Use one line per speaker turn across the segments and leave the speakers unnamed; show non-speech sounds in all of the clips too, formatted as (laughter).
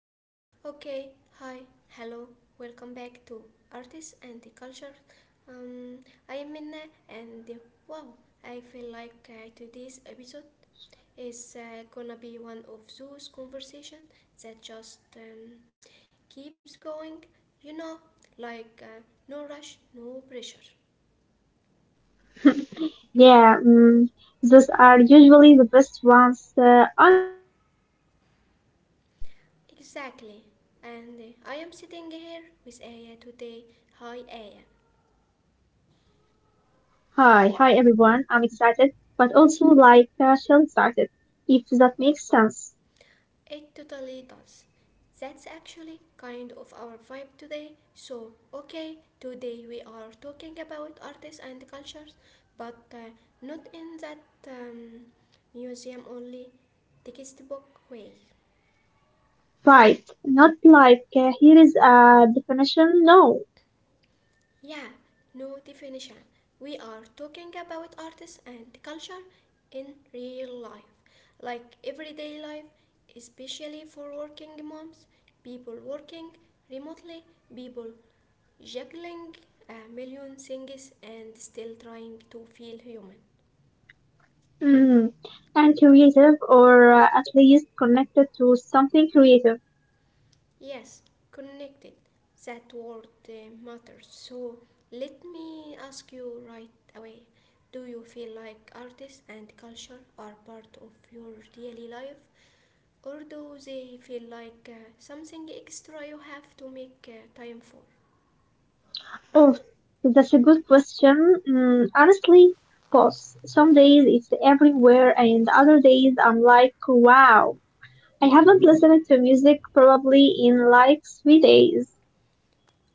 everyone. Okay, hi, hello. Welcome back to Artists and the Culture. Um, I am Minna and wow, I feel like today's episode is gonna be one of those conversations that just keeps going, you know, like no rush, no pressure.
Yeah, those are usually the best ones, honestly.
Exactly. And I am sitting here with Aya today. Hi Aya.
Hi, hi everyone. I'm excited, but also like shell excited, if that makes sense.
It totally does. That's actually kind of our vibe today. So, okay, today we are talking about artists and cultures, but not in that um, museum only textbook way.
Right, not like here is a definition, no.
Yeah, no definition. We are talking about artists and culture in real life, like everyday life, especially for working moms, people working remotely, people juggling a million things and still trying to feel human.
Mm. And creative, or at least connected to something creative.
Yes, connected. That word matters. So let me ask you right away. Do you feel like artists and culture are part of your daily life, or do they feel like something extra you have to make time for?
Oh, that's a good question. Honestly, both. Some days it's everywhere, and other days I'm like, wow. I haven't listened to music probably in like 3 days.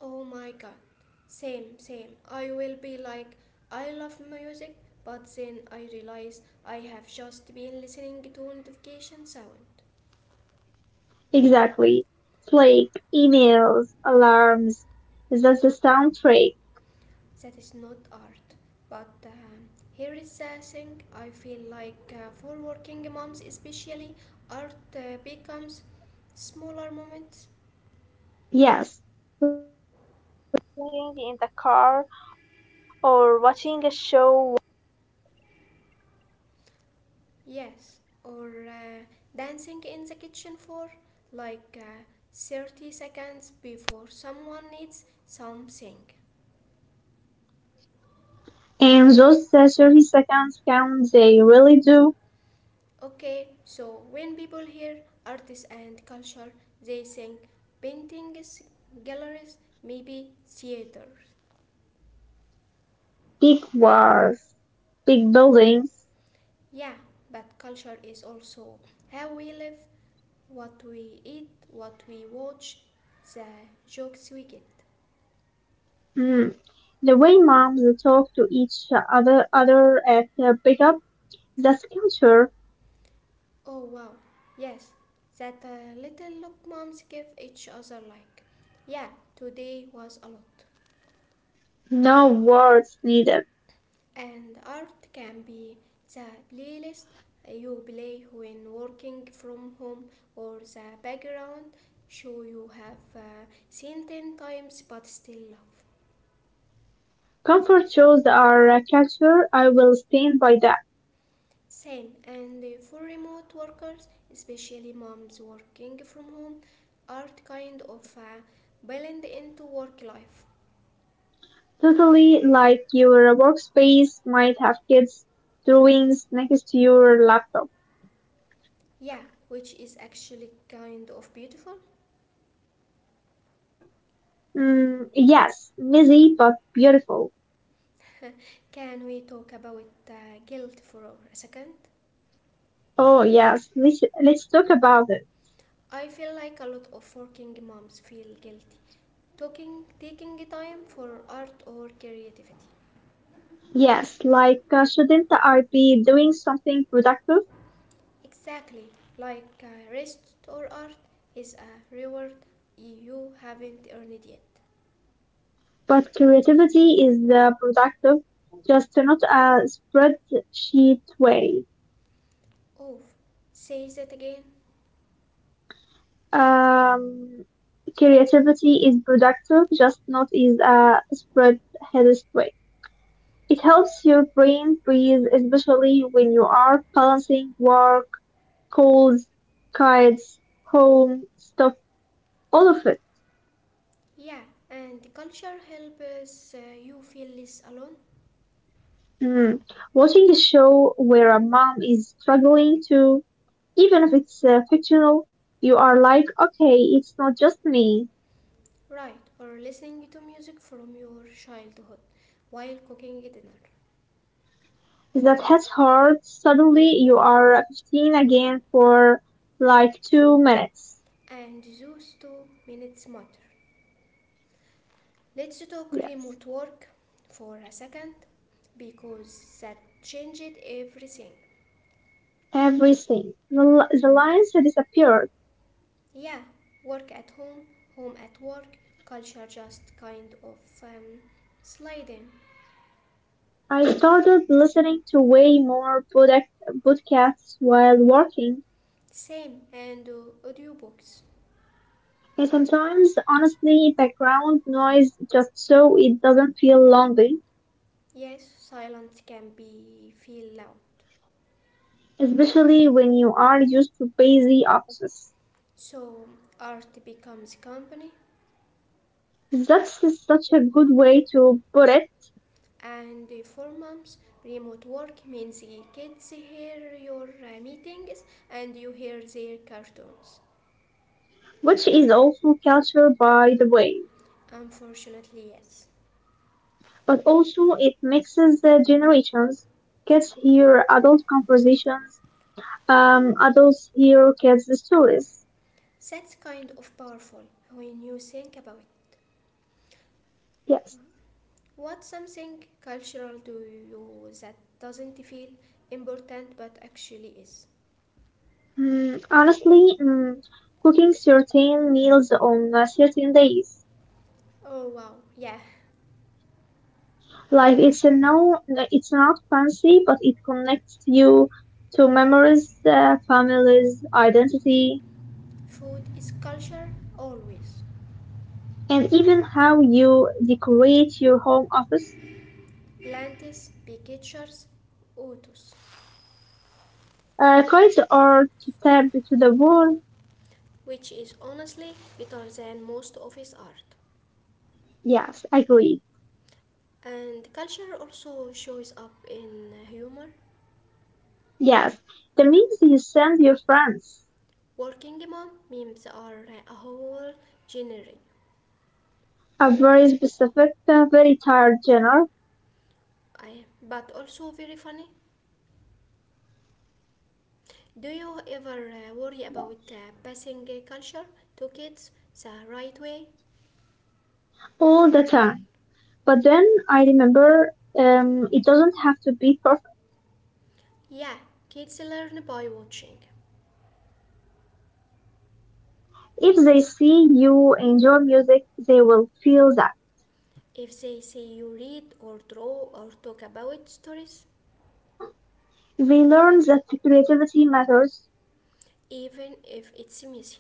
Oh my god. Same, same. I will be like, I love music, but then I realize I have just been listening to notification sound.
Exactly. Flake, emails, alarms. That's the soundtrack.
That is not art. But here is the thing I feel like for working moms, especially, art becomes smaller moments.
Yes. Playing in the car or watching a show.
Yes. Or dancing in the kitchen for like 30 seconds before someone needs something.
And those 30 seconds count, they really do.
Okay, so when people hear artists and culture, they think paintings, galleries, maybe theaters.
Big wars, big buildings.
Yeah, but culture is also how we live, what we eat, what we watch, the jokes we get.
Mm. The way moms talk to each other at the pickup, that's culture.
Oh wow, yes, that little look moms give each other like. Yeah, today was a lot.
No words needed.
And art can be the playlist you play when working from home or the background show you have seen 10 times but still love.
Comfort shows are a culture I will stand by that.
Same, and for remote workers, especially moms working from home, art kind of blend into work life.
Totally, like your workspace might have kids' drawings next to your laptop.
Yeah, which is actually kind of beautiful.
Mm, yes, messy but beautiful.
Can we talk about guilt for a second?
Oh yes, let's talk about it.
I feel like a lot of working moms feel guilty talking, taking time for art or creativity.
Yes, like shouldn't I be doing something productive?
Exactly, like rest or art is a reward you haven't earned yet.
But creativity is the productive, just not a spreadsheet way.
Oh, say that again.
Um, creativity is productive, just not is a spread headed way. It helps your brain breathe, especially when you are balancing work, calls, kids, home, stuff, all of it.
Yeah, and the culture helps you feel less alone,
Mm. Watching a show where a mom is struggling to, even if it's fictional, you are like, okay, it's not just me.
right? Or listening to music from your childhood while cooking dinner.
That has hurt. Suddenly you are 15 again for like 2 minutes.
And those 2 minutes matter. Let's talk
Yes.
remote work for a second because that changed everything.
Everything. The lines disappeared.
Yeah, work at home, home at work, culture just kind of sliding.
I started listening to way more podcasts while working.
Same and audiobooks.
And sometimes, honestly, background noise just so it doesn't feel lonely,
Yes, silence can be feel loud.
especially when you are used to busy offices.
So art becomes company
That's such a good way to put it,
and for moms remote work means kids hear your meetings and you hear their cartoons.
which is also culture, by the way.
Unfortunately, yes.
But also it mixes the generations. Kids hear adult conversations. Adults hear kids' stories.
That's kind of powerful when you think about it.
Yes.
What something cultural do you that doesn't feel important but actually is?
Honestly, cooking certain meals on certain days.
Oh wow, yeah.
Like it's a no, it's not fancy, but it connects you to memories, families, identity,
Food is culture always.
and even how you decorate your home office.
Plantis, pictures, autos,
Cards are to tap to the wall.
which is honestly better than most of his art.
Yes, I agree.
And culture also shows up in humor.
Yes, that means you send your friends,
Working mom memes are a whole genre
a very specific, very tired genre,
I, but also very funny. Do you ever worry about passing culture to kids the right way?
all the time. But then I remember it doesn't have to be perfect.
Yeah, kids learn by watching.
If they see you enjoy music, they will feel that.
If they see you read or draw or talk about stories,
They learn that creativity matters,
even if it's messy,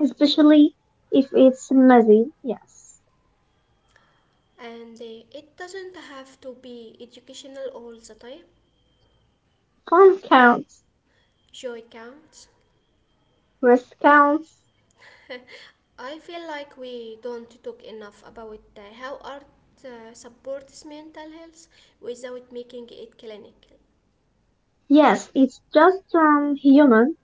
especially if it's messy. Yes.
and it doesn't have to be educational all the time,
Fun counts,
joy counts.
rest counts.
(laughs) I feel like we don't talk enough about how art supports mental health without making it clinical,
Yes, it's just human.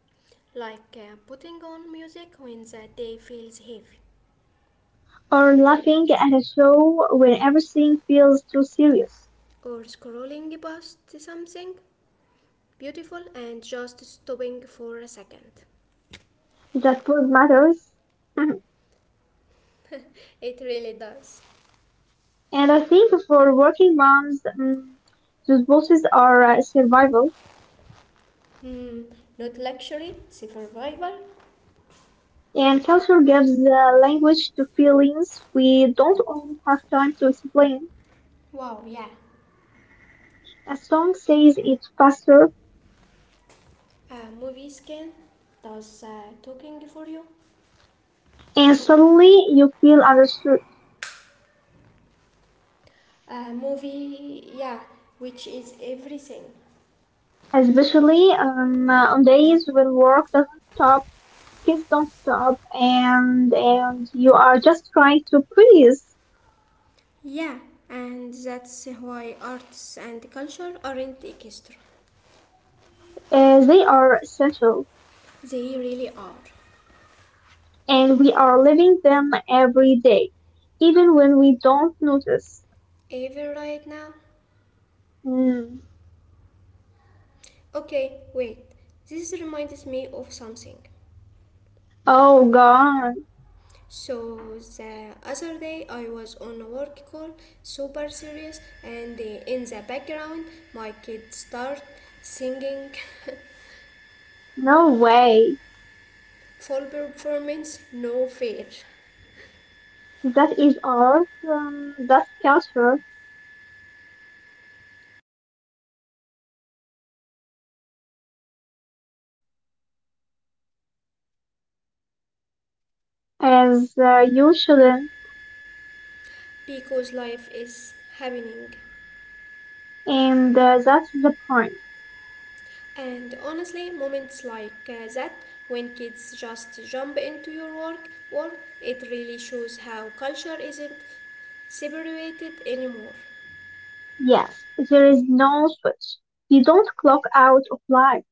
like putting on music when the day feels heavy,
Or laughing at a show when everything feels too serious.
or scrolling past something beautiful and just stopping for a second.
That food matters. Mhm.
(laughs) It really does.
And I think for working moms, those voices are survival.
Hmm, not luxury, survival.
And culture gives the language to feelings we don't all have time to explain.
Wow, yeah.
A song says it faster,
Movies can does talking for you.
and suddenly you feel understood.
A movie, yeah, which is everything.
Especially on days when work doesn't stop, kids don't stop, and you are just trying to breathe.
Yeah, and that's why arts and culture aren't extra.
They are essential,
They really are.
and we are living them every day, even when we don't notice.
Even right now.
Mm.
Okay, wait. This reminds me of something.
Oh God,
So the other day I was on a work call, super serious, and in the background my kids start singing (laughs)
no way.
full performance, no fear,
That is art. That's culture, as you shouldn't.
because life is happening.
And that's the point.
And honestly, moments like that, when kids just jump into your work, it really shows how culture isn't separated anymore.
Yes, there is no switch. You don't clock out of life.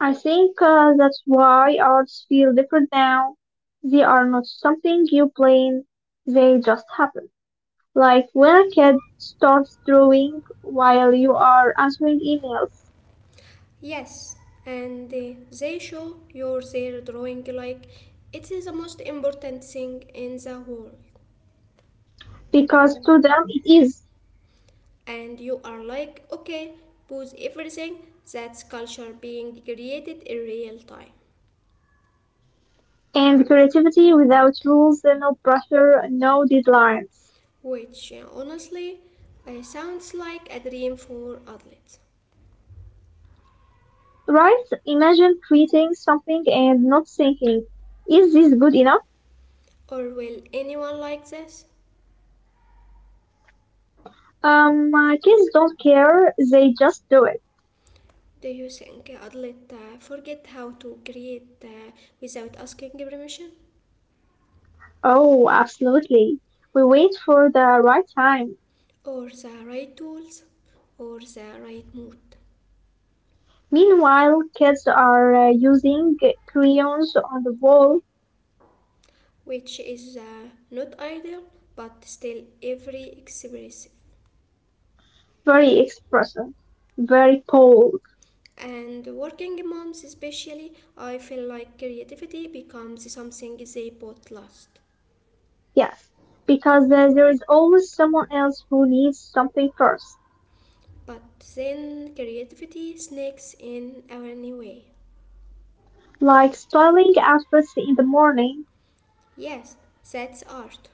I think that's why arts feel different now. They are not something you plan. They just happen. Like when a kid starts drawing while you are answering emails.
Yes, and they show you their drawing like it is the most important thing in the world.
Because to them it is.
And you are like, okay, pause everything, that's culture being created in real time.
And creativity without rules, no pressure, no deadlines.
Which honestly sounds like a dream for adults.
Right? Imagine creating something and not thinking, is this good enough?
Or will anyone like this?
Kids don't care, they just do it.
Do you think adults forget how to create without asking permission?
Oh, absolutely. We wait for the right time.
Or the right tools? Or the right mood?
Meanwhile, kids are using crayons on the wall,
Which is not ideal, but still every expressive.
very expressive, very bold.
And working moms especially, I feel like creativity becomes something they both lost.
Yes, because there is always someone else who needs something first,
But then creativity sneaks in anyway.
like styling outfits in the morning
Yes, that's art.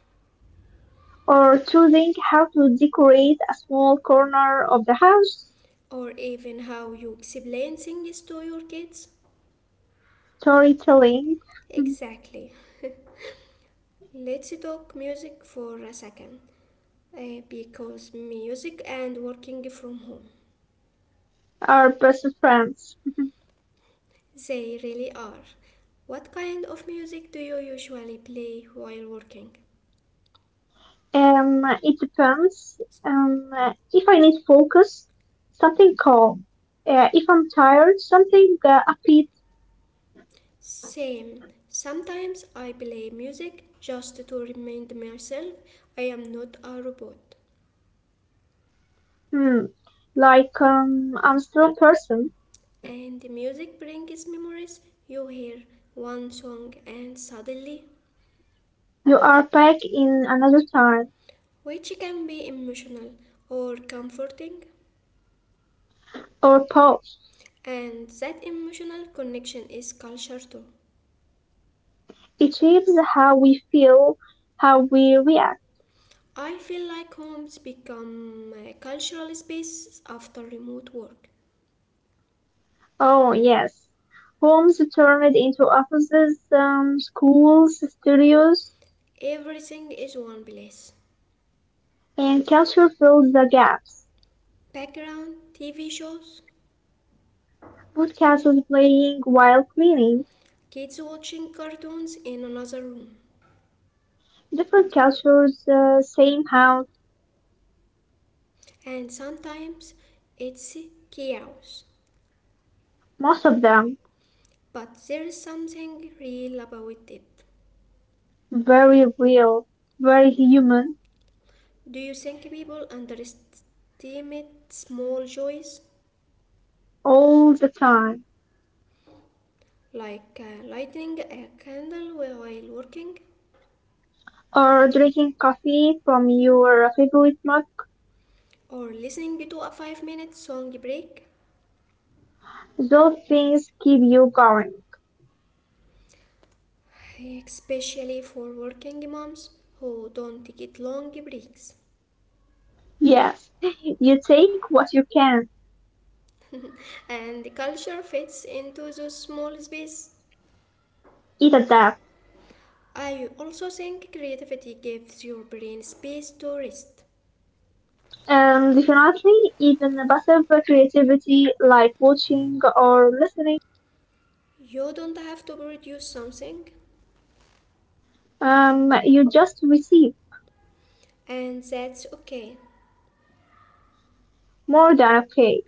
or choosing how to decorate a small corner of the house.
Or even how you explain things to your kids?
Storytelling
Exactly. Let's talk music for a second because music and working from home,
are best friends.
they really are. What kind of music do you usually play while working?
It depends. If I need focus, something calm. If I'm tired, something upbeat.
Same. Sometimes I play music just to remind myself I am not a robot.
Hmm, like I'm still a person.
And music brings memories. You hear one song and suddenly
You are back in another time,
which can be emotional or comforting,
or pause.
and that emotional connection is culture too.
It shapes how we feel, how we react.
I feel like homes become cultural spaces after remote work.
Oh, yes. Homes turned into offices, schools, studios,
Everything is one place.
and culture fills the gaps.
Background, TV shows,
Podcasts was playing while cleaning.
kids watching cartoons in another room,
Different cultures, same house,
and sometimes it's chaos.
most of them.
But there is something real about it.
Very real, very human,
Do you think people underestimate small joys?
all the time.
Like lighting a candle while working
Or drinking coffee from your favorite mug.
or listening to a 5-minute song break,
Those things keep you going.
especially for working moms who don't get long breaks.
Yes, (laughs) you take what you can.
And the culture fits into the small space.
It adapt.
I also think creativity gives your brain space to rest.
Definitely, even passive creativity like watching or listening,
You don't have to produce something,
you just receive
and that's okay.
more than okay.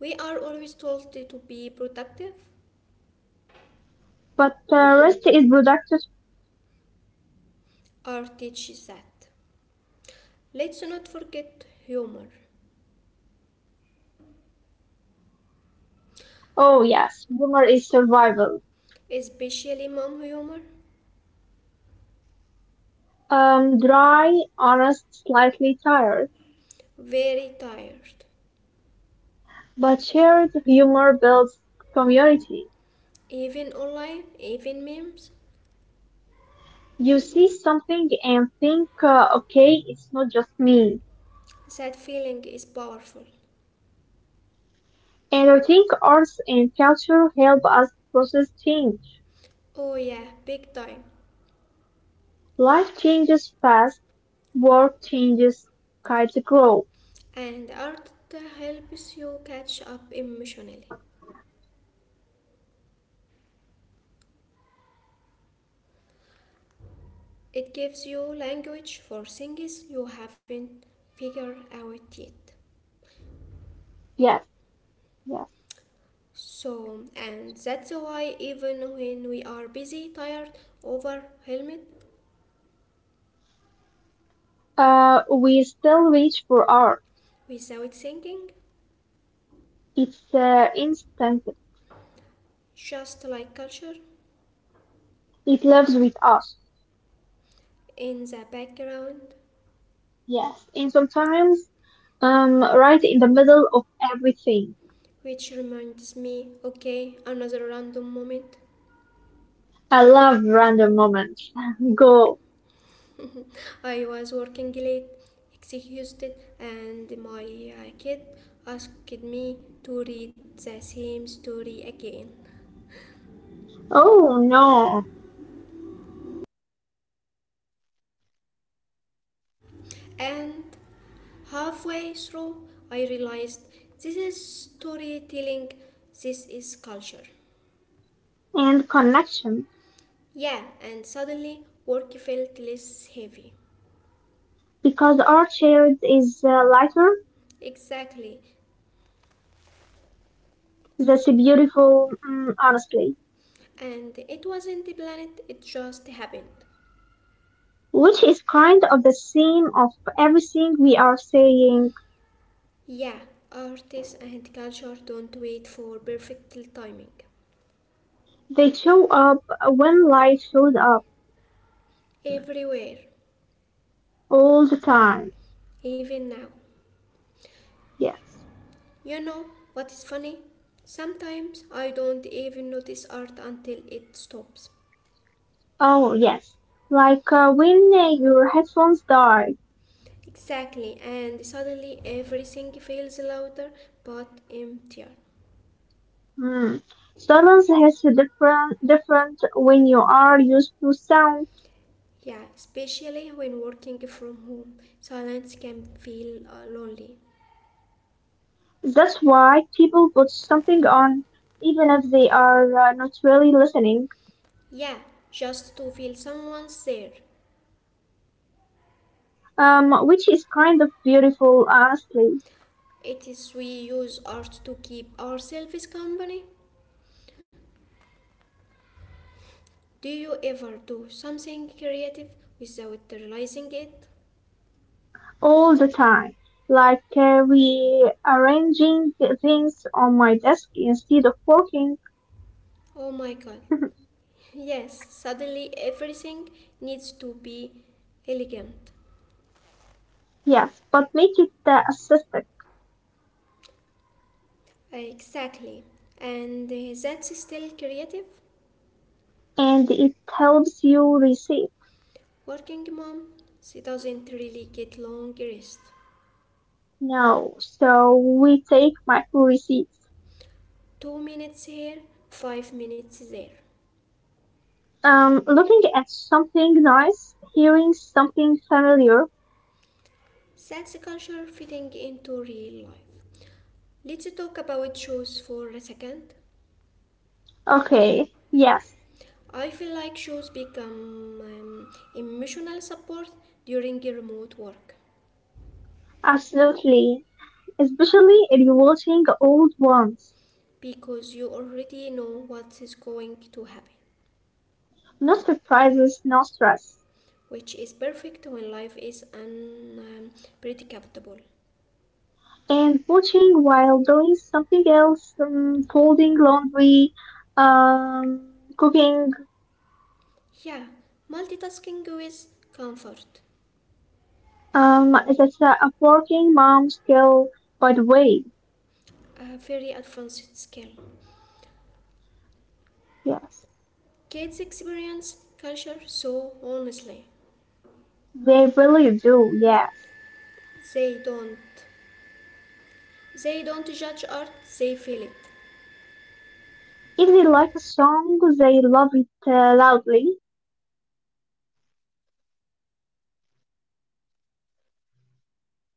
We are always told to be productive.
But rest is productive.
Art teaches that. Let's not forget humor.
Oh yes, humor is survival.
Especially mom humor,
Dry, honest, slightly tired,
very tired.
but shared humor builds community.
Even online, even memes,
You see something and think, okay, it's not just me.
that feeling is powerful.
And I think arts and culture help us process change.
Oh yeah, big time.
Life changes fast, work changes, kids grow.
And art helps you catch up emotionally. It gives you language for things you haven't figured out yet.
Yes, yes.
So, and that's why even when we are busy, tired, overwhelmed,
We still reach for art.
without thinking,
It's instant.
just like culture
It lives with us.
in the background.
Yes. And sometimes, right in the middle of everything.
Which reminds me, okay, another random moment.
I love random moments. (laughs) Go.
(laughs) I was working late, exhausted, and my kid asked me to read the same story again.
Oh no.
And halfway through, I realized this is storytelling, this is culture.
And connection.
Yeah, and suddenly work felt less heavy.
Because art shared is lighter.
Exactly.
That's beautiful, honestly,
And it wasn't planned, it just happened.
which is kind of the same of everything we are saying.
Yeah, artists and culture don't wait for perfect timing.
They show up when life shows up
Everywhere,
all the time.
even now.
Yes.
You know what is funny? Sometimes I don't even notice art until it stops.
Oh, yes. Like when your headphones die.
Exactly, and suddenly everything feels louder but emptier.
Hmm. Silence has a different when you are used to sound.
Yeah, especially when working from home, silence can feel lonely.
That's why people put something on even if they are not really listening.
Yeah, just to feel someone's there.
Which is kind of beautiful, honestly.
It is we use art to keep ourselves company. Do you ever do something creative without realizing it?
All the time. Like rearranging things on my desk instead of working.
Oh my god. Yes, suddenly everything needs to be elegant.
Yes, but make it assisted.
Exactly. And that's still creative.
And it helps you receive.
Working mom, she doesn't really get long rest.
No, so we take micro receipts.
2 minutes here, 5 minutes there.
Looking at something nice, hearing something familiar.
That's culture fitting into real life. Let's talk about shoes for a second.
Okay, yes,
I feel like shows become emotional support during your remote work
absolutely. Especially if you're watching old ones.
because you already know what is going to happen,
No surprises, no stress.
which is perfect when life is unpredictable.
And watching while doing something else, folding laundry, um, cooking.
Yeah, multitasking is comfort,
Um, that's a working mom skill, by the way.
a very advanced skill.
Yes,
Kids experience culture so honestly.
they really do. Yes,
They don't they don't judge art, they feel it.
if they like a song, they love it loudly,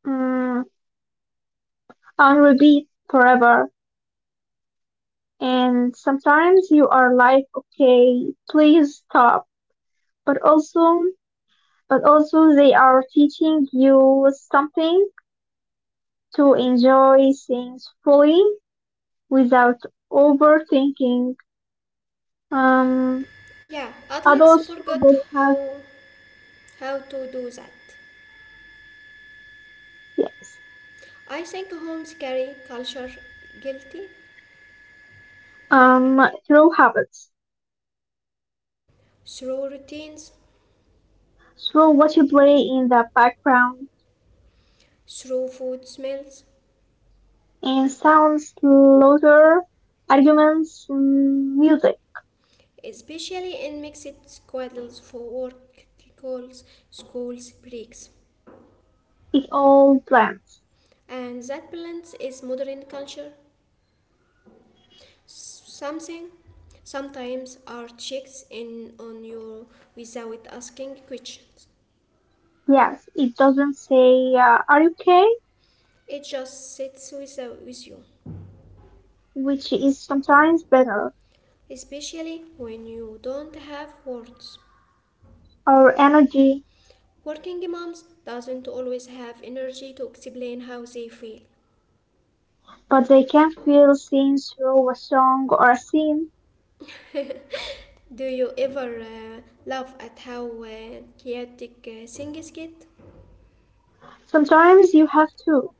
um, on repeat forever. And sometimes you are like, okay, please stop. But also, but also they are teaching you something to enjoy things fully without overthinking. Um,
Yeah, athletes
adults
forgot
forget how-
how how to do that.
yes,
I think homes carry culture guilty
um, through habits,
through routines,
through what you play in the background,
through food smells,
and sounds, louder, arguments, music.
especially in mixed schedules for work calls, schools, breaks.
It all blends.
And that balance is modern culture. Something sometimes our checks in on you without asking questions.
Yes, it doesn't say, are you okay?
It just sits with you,
Which is sometimes better,
especially when you don't have words.
or energy,
Working moms doesn't always have energy to explain how they feel.
but they can feel things through a song or a scene.
Do you ever laugh at how chaotic things get?
Sometimes you have to.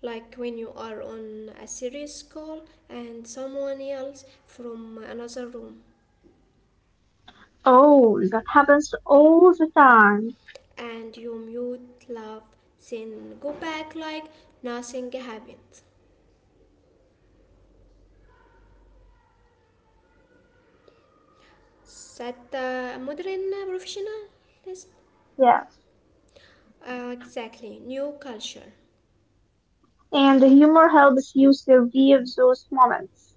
Like when you are on a serious call and someone yells from another room
Oh, that happens all the time.
and you mute, laugh, then go back like nothing happened. Is that modern professionalism?
Yeah.
Exactly, new culture.
And humor helps you survive those moments.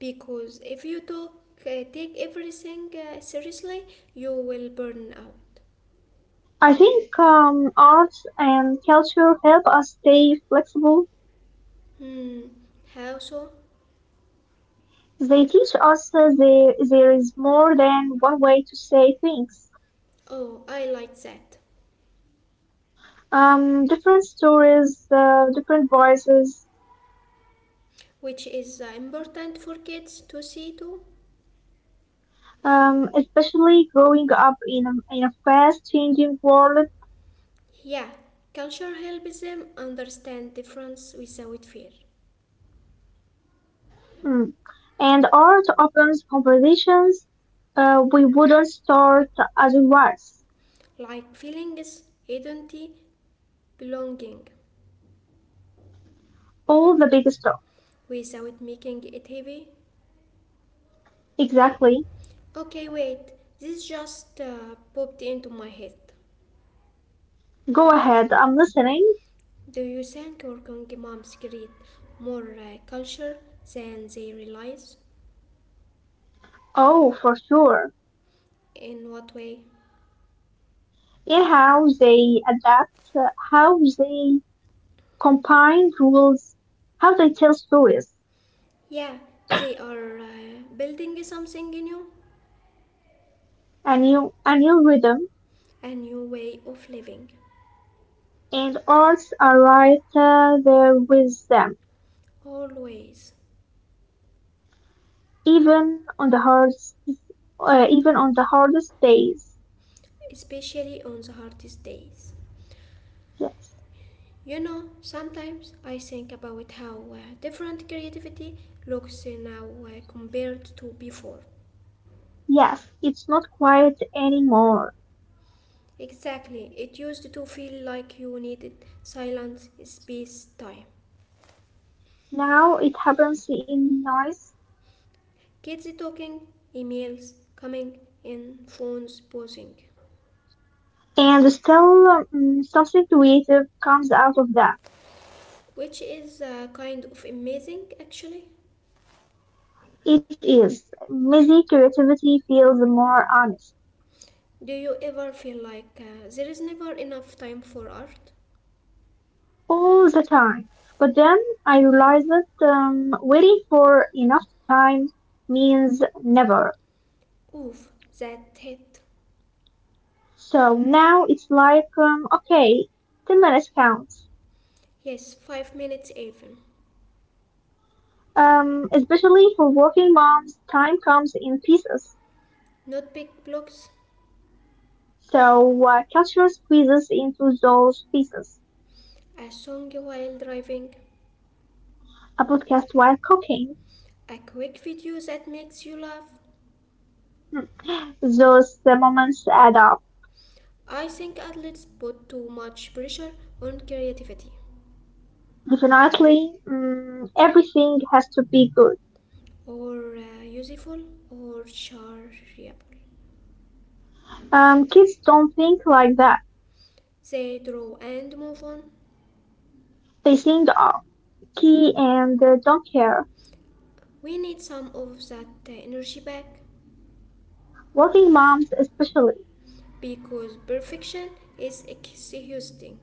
Because if you talk, take everything seriously, you will burn out.
I think arts and culture help us stay flexible.
Hmm, how so?
They teach us that there is more than one way to say things.
Oh, I like that,
Different stories, different voices,
which is important for kids to see too.
especially growing up in a fast changing world.
Yeah, culture helps them understand difference without fear,
Mm. And art opens conversations we wouldn't start otherwise.
like feelings, identity, belonging,
All the big stuff.
without making it heavy.
Exactly.
Okay, wait, this just popped into my head.
Go ahead, I'm listening.
Do you think working moms create more culture than they realize?
Oh, for sure.
In what way?
Yeah, how they adapt, how they combine rules, how they tell stories.
Yeah, they are building something new,
A new rhythm,
a new way of living.
and arts are right there with them,
Always,
even on the hardest, days.
especially on the hardest days.
Yes.
You know, sometimes I think about how different creativity looks now compared to before.
Yes, it's not quiet anymore.
Exactly, it used to feel like you needed silence, space, time.
Now it happens in noise,
Kids talking, emails coming in, phones buzzing,
and still something creative comes out of that.
which is kind of amazing actually.
It is. Messy creativity feels more honest
Do you ever feel like there is never enough time for art?
all the time. But then I realized that waiting for enough time means never.
Oof, that hit.
So now it's like, okay, 10 minutes counts.
Yes, 5 minutes even.
Especially for working moms, time comes in pieces.
Not big blocks,
So culture squeezes into those pieces.
a song while driving,
A podcast while cooking,
a quick video that makes you laugh.
those moments add up.
I think athletes put too much pressure on creativity,
Definitely, everything has to be good.
or useful, or shareable.
Kids don't think like that.
They draw and move on.
They think of key and don't care.
We need some of that energy back
Working moms especially
because perfection is exhausting.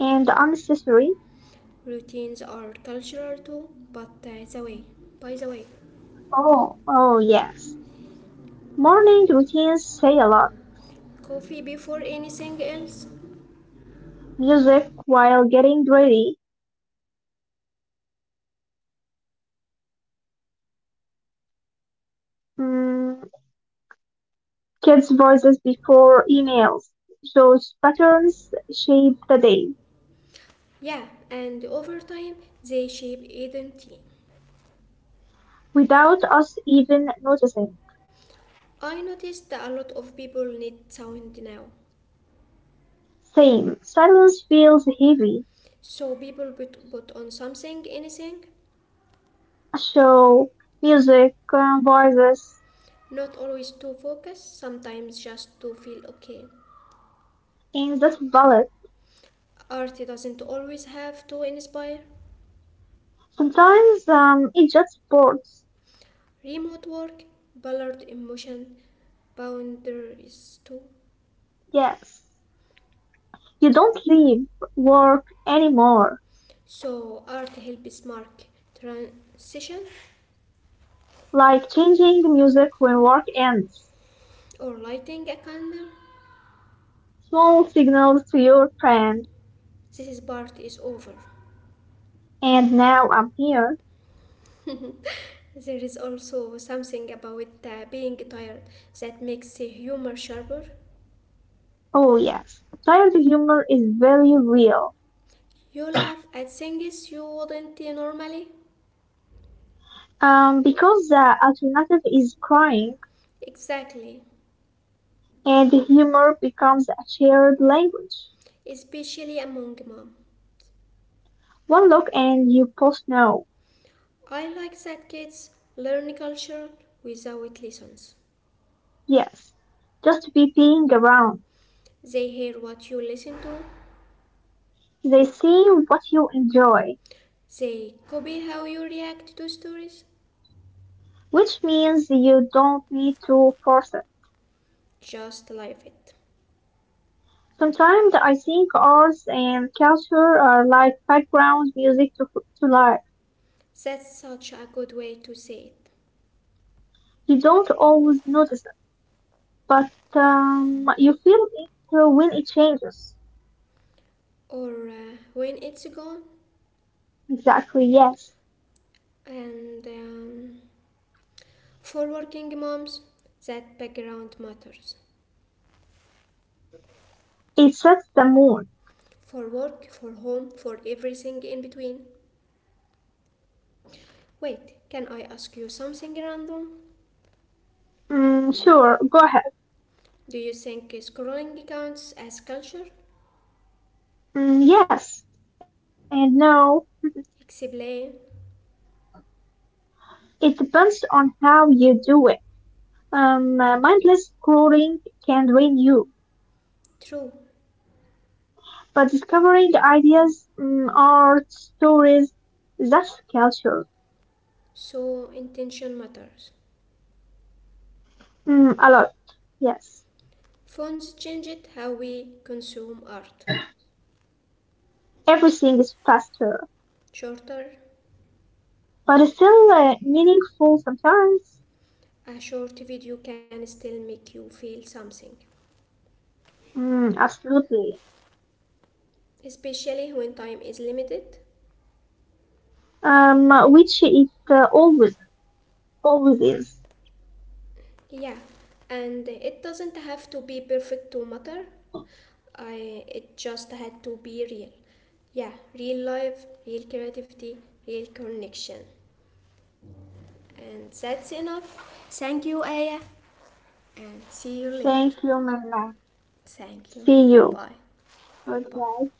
and unnecessary.
Routines are cultural too, but that's the way. By the way,
Oh, oh yes. Morning routines say a lot.
coffee before anything else?
Music while getting ready. Mm, kids' voices before emails. Those patterns shape the day,
Yeah, and over time they shape identity.
without us even noticing.
I noticed that a lot of people need sound now.
Same. Silence feels heavy.
So people put on something, anything,
A show, music, voices,
not always to focus, sometimes just to feel okay.
and that's valid.
Art doesn't always have to inspire.
Sometimes it just sports.
Remote work blurred emotion boundaries too.
Yes. You don't leave work anymore.
So art helps mark transition
Like changing the music when work ends.
or lighting a candle.
Small signals to your friend.
This part is over.
And now I'm here.
There is also something about being tired that makes the humor sharper.
Oh yes, child humor is very real.
You laugh at things you wouldn't normally.
Because the alternative is crying,
Exactly,
and humor becomes a shared language.
especially among mom.
One look and you both know.
I like that kids learn culture without lessons.
Yes, just be being around.
They hear what you listen to,
They see what you enjoy,
they copy how you react to stories,
which means you don't need to force it.
just live it.
Sometimes I think arts and culture are like background music to life.
That's such a good way to say it.
You don't always notice but you feel it when it changes.
Or when it's gone,
Exactly, yes.
and for working moms, that background matters.
It sets the mood.
For work, for home, for everything in between. Wait, can I ask you something random?
Mm, sure, go ahead.
Do you think scrolling counts as culture?
Mm, yes and no.
Explain.
It depends on how you do it. Mindless scrolling can drain you,
True.
but discovering ideas, art, stories, that's culture.
So intention matters.
Mm, a lot, yes.
Phones changed how we consume art.
Everything is faster,
Shorter,
but it's still meaningful sometimes.
a short video can still make you feel something,
Mm, absolutely.
especially when time is limited.
Um, which it always is.
Yeah, and it doesn't have to be perfect to matter. I it just had to be real. Yeah, real life, real creativity, real connection. And that's enough. Thank you, Aya, and see you later.
Thank you, Mama.
Thank you.
See you.
Goodbye.
Goodbye.
Goodbye.